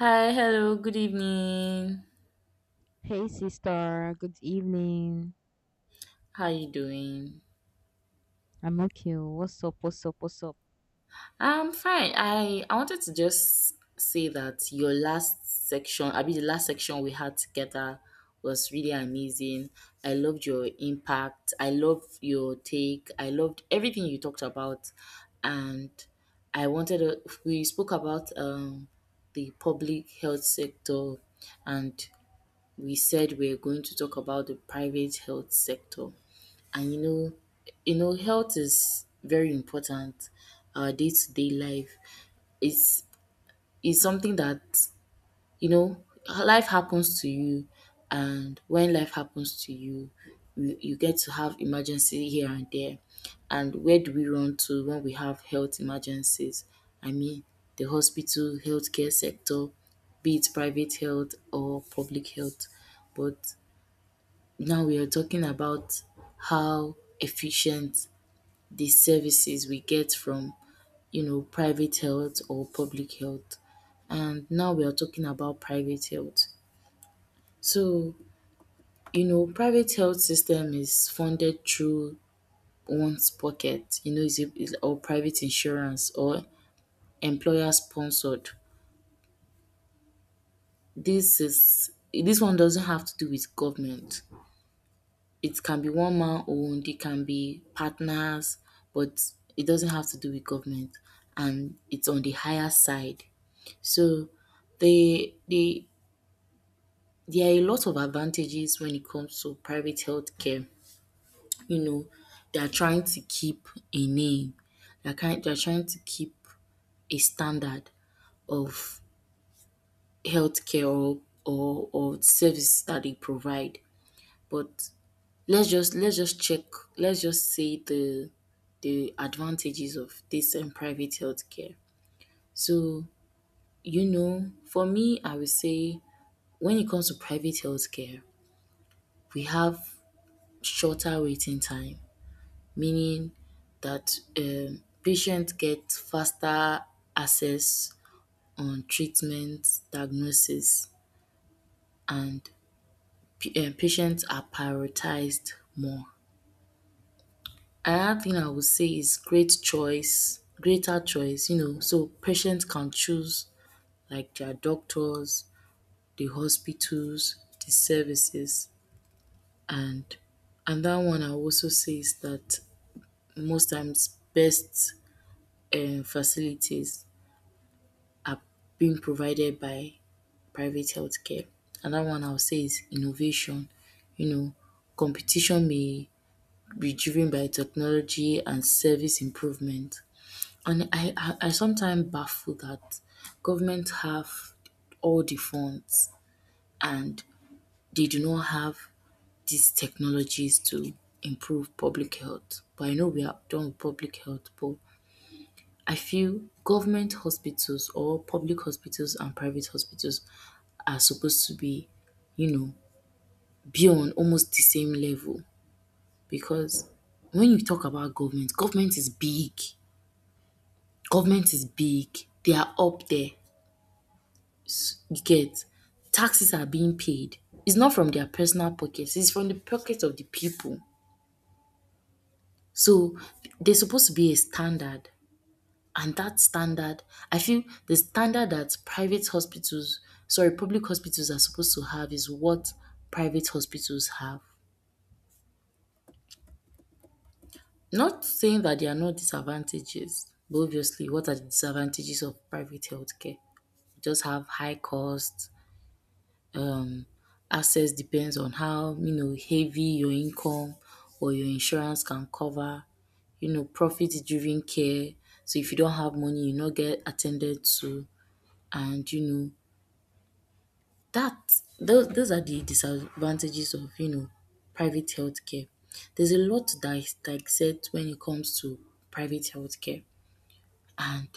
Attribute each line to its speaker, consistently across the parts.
Speaker 1: Hi, hello, good evening.
Speaker 2: Hey sister, good evening.
Speaker 1: How are you doing?
Speaker 2: I'm okay. What's up? What's up? What's up?
Speaker 1: I'm fine. I wanted to just say that your last section, I mean the last section we had together was really amazing. I loved your impact. I loved your take. I loved everything you talked about. And I wanted to, we spoke about the public health sector, and we said we're going to talk about the private health sector. And health is very important. Our day to day life is is something that, you know life happens to you, and when life happens to you, you get to have emergency here and there. And where do we run to when we have health emergencies? I mean, the hospital, healthcare sector, be it private health or public health. But now we are talking about how efficient the services we get from, private health or public health, and now we are talking about private health. So, private health system is funded through one's pocket, is a, is, or private insurance or employer sponsored. This is this one doesn't have to do with government. It can be one man owned, it can be partners, but it doesn't have to do with government, and it's on the higher side. So, they, they, there are a lot of advantages when it comes to private healthcare. You know, they are trying to keep a name. They are kind they are trying to keep a standard of healthcare or or service that they provide. But let's just check. Let's just say the advantages of this and private healthcare. So, for me, I would say when it comes to private healthcare, we have shorter waiting time, meaning that patients get faster access on treatment, diagnosis, and patients are prioritized more. Another thing I would say is greater choice, so patients can choose like their doctors, the hospitals, the services, and that one I also say is that most times best facilities are being provided by private healthcare. And that one I would say is innovation. You know, competition may be driven by technology and service improvement. And I sometimes baffle that government have all the funds, and they do not have these technologies to improve public health. But I know we are done with public health, but I feel government hospitals or public hospitals and private hospitals are supposed to be, you know, be on almost the same level, because when you talk about government, government is big. Government is big. They are up there. You get? Taxes are being paid. It's not from their personal pockets, it's from the pockets of the people. So there's supposed to be a standard. And that standard, I feel the standard that public hospitals are supposed to have is what private hospitals have. Not saying that there are no disadvantages, but obviously, what are the disadvantages of private healthcare? We just have high costs, um access depends on how, heavy your income or your insurance can cover, profit driven care. So if you don't have money you not get attended to, and that those are the disadvantages of, private healthcare. There's a lot to dissect when it comes to private healthcare, and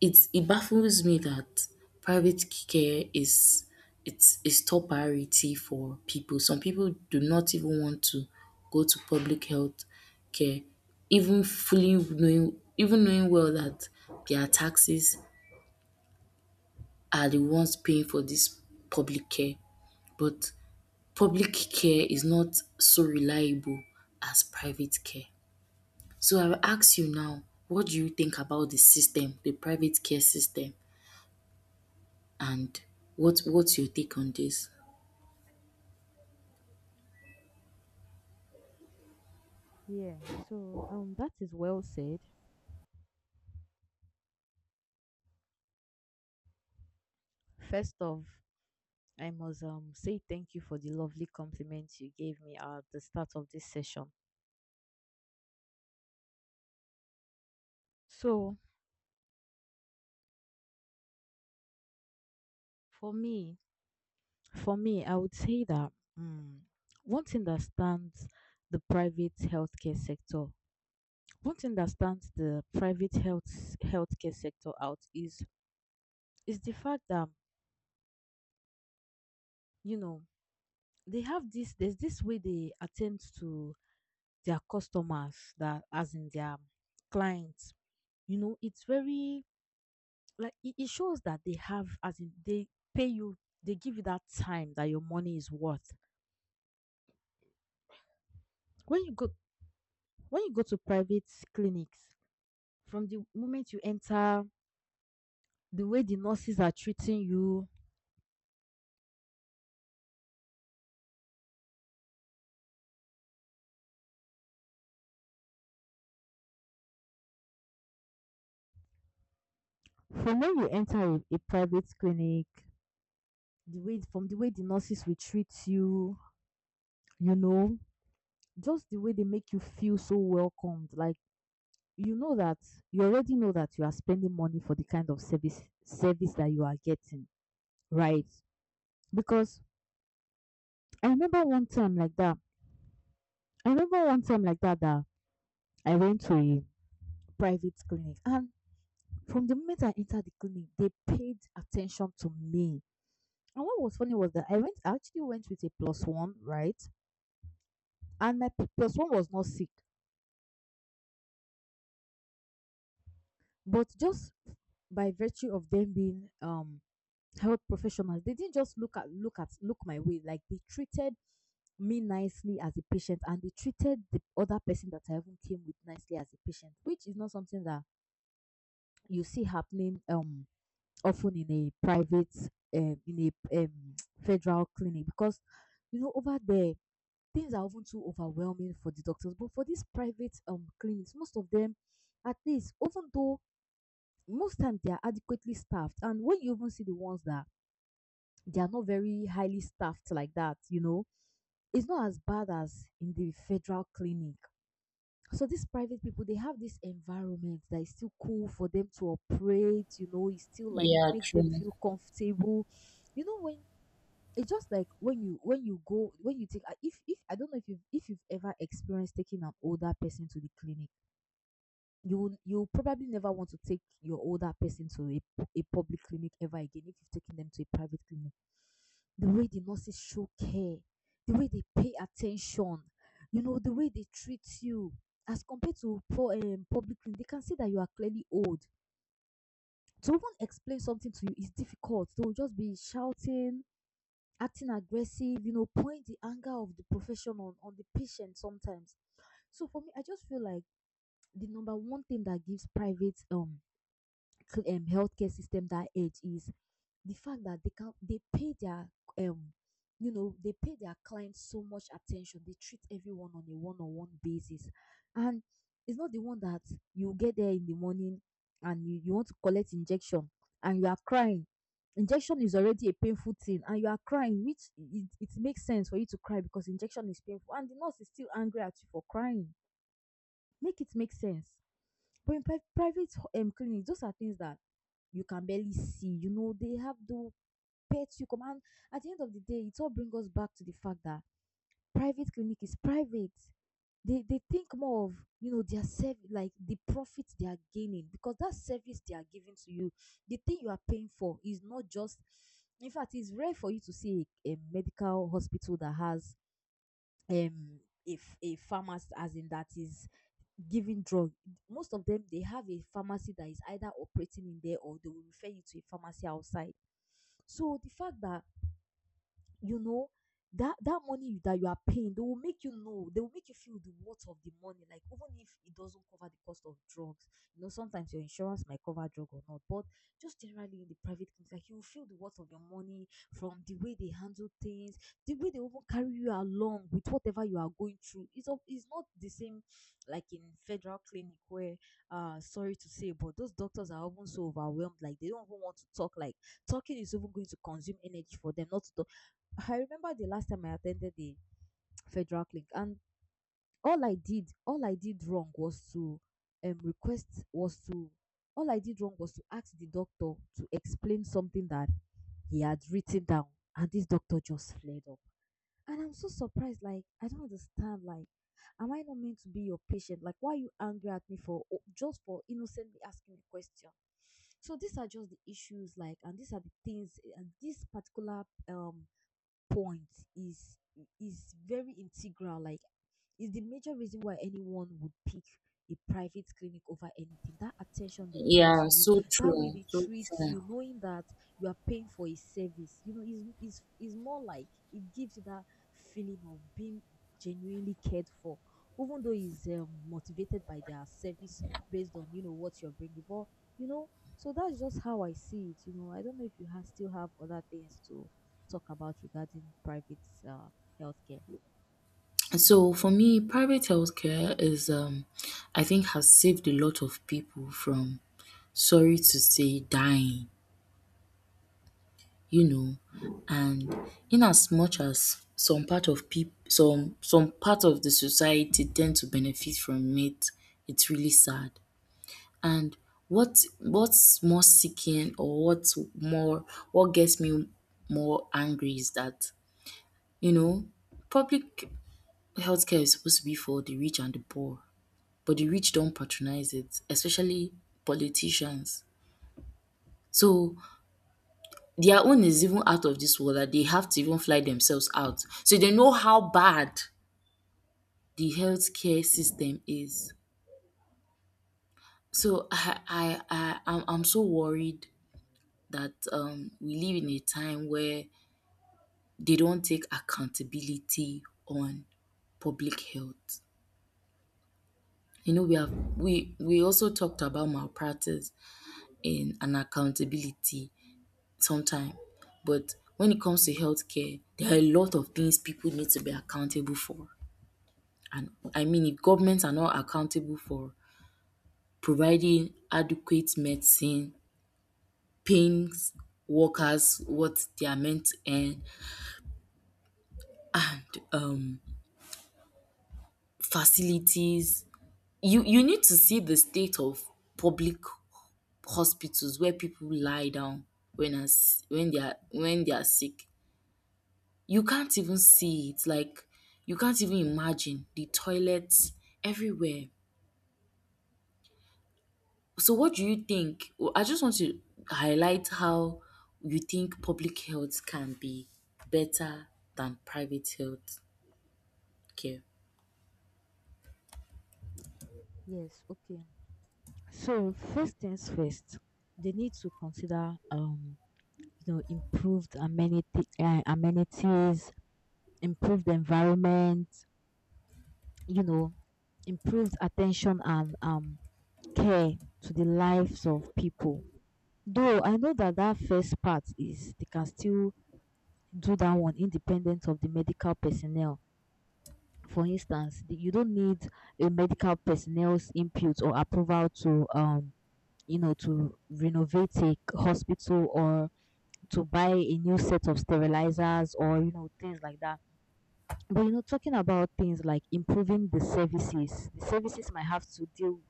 Speaker 1: It baffles me that private care is it's is top priority for people. Some people do not even want to go to public health care, even fully knowing even knowing well that their taxes are the ones paying for this public care. But public care is not so reliable as private care. So I will ask you now, what do you think about the system, the private care system? And what's your take on this?
Speaker 2: Yeah. So that is well said. First off, I must say thank you for the lovely compliment you gave me at the start of this session. So for me, for me, I would say that um, one thing that stands the private healthcare sector, one thing that stands the private healthcare sector out is the fact that you know they have this there's this way they attend to their customers, that as in their clients. You know, it's very like it shows that they have, as in they pay you, they give you that time that your money is worth when you go, when you go to private clinics. From the moment you enter, the way the nurses are treating you from when you enter a private clinic, the way from the way the nurses will treat you, you know, just the way they make you feel so welcomed, like, you know that you already know that you are spending money for the kind of service that you are getting, right? Because I remember one time like that. I remember one time like that, that I went to a private clinic, and from the moment I entered the clinic, they paid attention to me. And what was funny was that I actually went with a plus one, right? And my plus one was not sick. But just by virtue of them being health professionals, they didn't just look my way. Like, they treated me nicely as a patient and they treated the other person that I even came with nicely as a patient, which is not something that you see happening often in a um in a um federal clinic, because you know, over there, things are often too overwhelming for the doctors. But for these private clinics, most of them, at least, even though most times they are adequately staffed, and when you even see the ones that they are not very highly staffed like that, you know, it's not as bad as in the federal clinic. So these private people, they have this environment that is still cool for them to operate. You know, it still like
Speaker 1: Yeah,
Speaker 2: makes them
Speaker 1: true.
Speaker 2: feel comfortable. You know, when it's just like when you go when you take if I don't know if you if you've ever experienced taking an older person to the clinic, you you probably never want to take your older person to a public clinic ever again if you've taken them to a private clinic. The way the nurses show care, the way they pay attention, you know, the way they treat you as compared to, for public clinic, they can see that you are clearly old. To even explain something to you is difficult. They will just be shouting, acting aggressive, you know, point the anger of the professional on the patient sometimes. So for me, I just feel like the number one thing that gives private healthcare system that edge is the fact that they pay their um you know they pay their clients so much attention. They treat everyone on a one-on-one basis. And it's not the one that you get there in the morning and you want to collect injection and you are crying. Injection is already a painful thing and you are crying, which it makes sense for you to cry because injection is painful, and the nurse is still angry at you for crying. Make it make sense. But in private clinics, those are things that you can barely see. You know, they have to pets. You come. And at the end of the day, it all brings us back to the fact that private clinic is private. They think more of, you know, their service, like the profit they are gaining, because that service they are giving to you, the thing you are paying for is not just. In fact, it's rare for you to see a medical hospital that has um if a pharmacy, as in, that is giving drug. Most of them, they have a pharmacy that is either operating in there, or they will refer you to a pharmacy outside. So the fact that, you know, that that money that you are paying, they will make, you know, they will make you feel the worth of the money, like even if it doesn't cover the cost of drugs, you know, sometimes your insurance might cover drug or not, but just generally in the private clinic, like, you will feel the worth of your money from the way they handle things, the way they even carry you along with whatever you are going through. It's not the same like in federal clinic, where sorry to say, but those doctors are often so overwhelmed, like they don't even want to talk, like talking is even going to consume energy for them, not to. I remember the last time I attended the federal clinic, and all I did wrong was to um, request, was to, all I did wrong was to ask the doctor to explain something that he had written down, and this doctor just flared up. And I'm so surprised, like, I don't understand, like, am I not meant to be your patient? Like, why are you angry at me for, oh, just for innocently asking a question? So these are just the issues, like, and these are the things, and this particular point is is very integral, like, is the major reason why anyone would pick a private clinic over anything. That attention they pay to
Speaker 1: Yeah,
Speaker 2: you,
Speaker 1: so
Speaker 2: that way
Speaker 1: true.
Speaker 2: they
Speaker 1: So
Speaker 2: treat
Speaker 1: true.
Speaker 2: you, knowing that you are paying for a service, you know, is more like it gives you that feeling of being genuinely cared for, even though it's motivated by their service based on, you know, what you're bringing. But you know, so that's just how I see it. You know, I don't know if you have still have other things to talk about regarding private uh, healthcare.
Speaker 1: So for me, private healthcare is I think has saved a lot of people from, sorry to say, dying, you know. And in as much as some part of the society tend to benefit from it, it's really sad. And what's more seeking, or what gets me more angry is that, you know, public healthcare is supposed to be for the rich and the poor, but the rich don't patronize it, especially politicians. So their own is even out of this world that they have to even fly themselves out. So they know how bad the healthcare system is. So I'm, so worried that we live in a time where they don't take accountability on public health. You know, we have we also talked about malpractice in and accountability sometime, but when it comes to healthcare, there are a lot of things people need to be accountable for. And I mean, if governments are not accountable for providing adequate medicine, paying workers what they are meant to earn, and facilities. You need to see the state of public hospitals where people lie down when as when they are sick. You can't even see it, like you can't even imagine the toilets everywhere. So what do you think? Well, I just want to highlight how you think public health can be better than private health care.
Speaker 2: Yes, okay. So first things first, they need to consider, you know, improved amenities, improved environment, you know, improved attention and care to the lives of people. Though I know that that first part is they can still do that one independent of the medical personnel. For instance, you don't need a medical personnel's input or approval to renovate a hospital, or to buy a new set of sterilizers, or you know, things like that. But you know, talking about things like improving the services might have to deal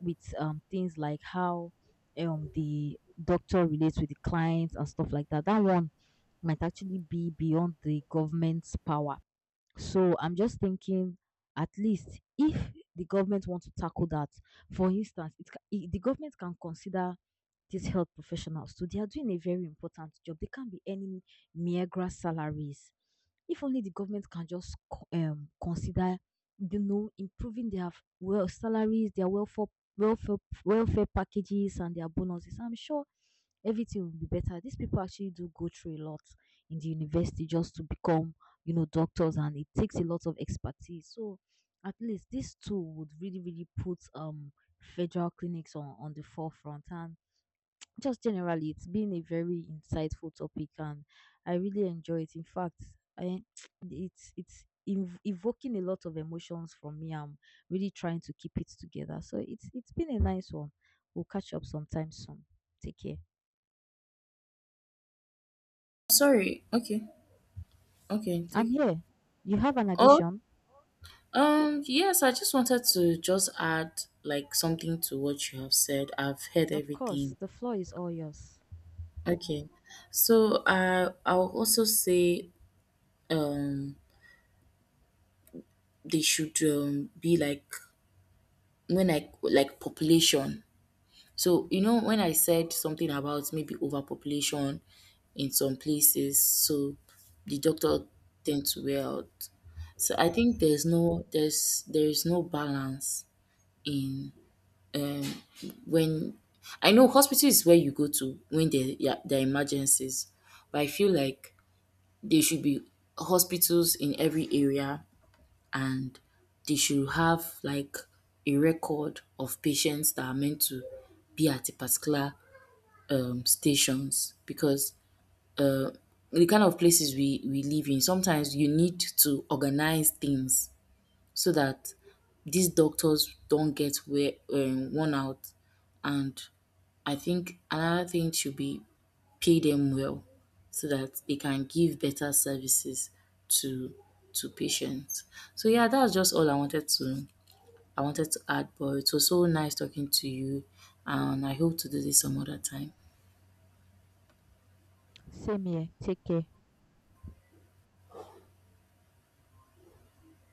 Speaker 2: with things like how the doctor relates with the clients and stuff like that. That one might actually be beyond the government's power. So I'm just thinking, at least if the government wants to tackle that, for instance, the government can consider these health professionals. So they are doing a very important job. They can't be any meager salaries. If only the government can just consider, you know, improving their salaries, their welfare welfare packages, and their bonuses. I'm sure everything will be better. These people actually do go through a lot in the university just to become, you know, doctors, and it takes a lot of expertise. So at least this tool would really, really put federal clinics on the forefront. And just generally, it's been a very insightful topic, and I really enjoy it. In fact, I, it's evoking a lot of emotions from me. I'm really trying to keep it together. So it's been a nice one. We'll catch up sometime soon. Take care.
Speaker 1: Sorry, okay. Okay,
Speaker 2: I'm
Speaker 1: take it.
Speaker 2: here. You have an
Speaker 1: Oh,
Speaker 2: addition?
Speaker 1: Yes, I just wanted to just add like something to what you have said. I've heard
Speaker 2: Of
Speaker 1: everything.
Speaker 2: course. The floor is all yours.
Speaker 1: Okay. So I'll also say um they should be like, when I like population. So you know when I said something about maybe overpopulation in some places, so the doctor tend to wear out. So I think there's there is no balance in um when I know hospital is where you go to when there, yeah, there are emergencies, but I feel like there should be hospitals in every area, and they should have like a record of patients that are meant to be at a particular stations. Because uh, the kind of places we live in, sometimes you need to organize things so that these doctors don't get worn out. And I think another thing should be pay them well so that they can give better services to to patients. So yeah, that's just all I wanted to I wanted to add, but it was so nice talking to you, and I hope to do this some other time.
Speaker 2: Same here. Take care.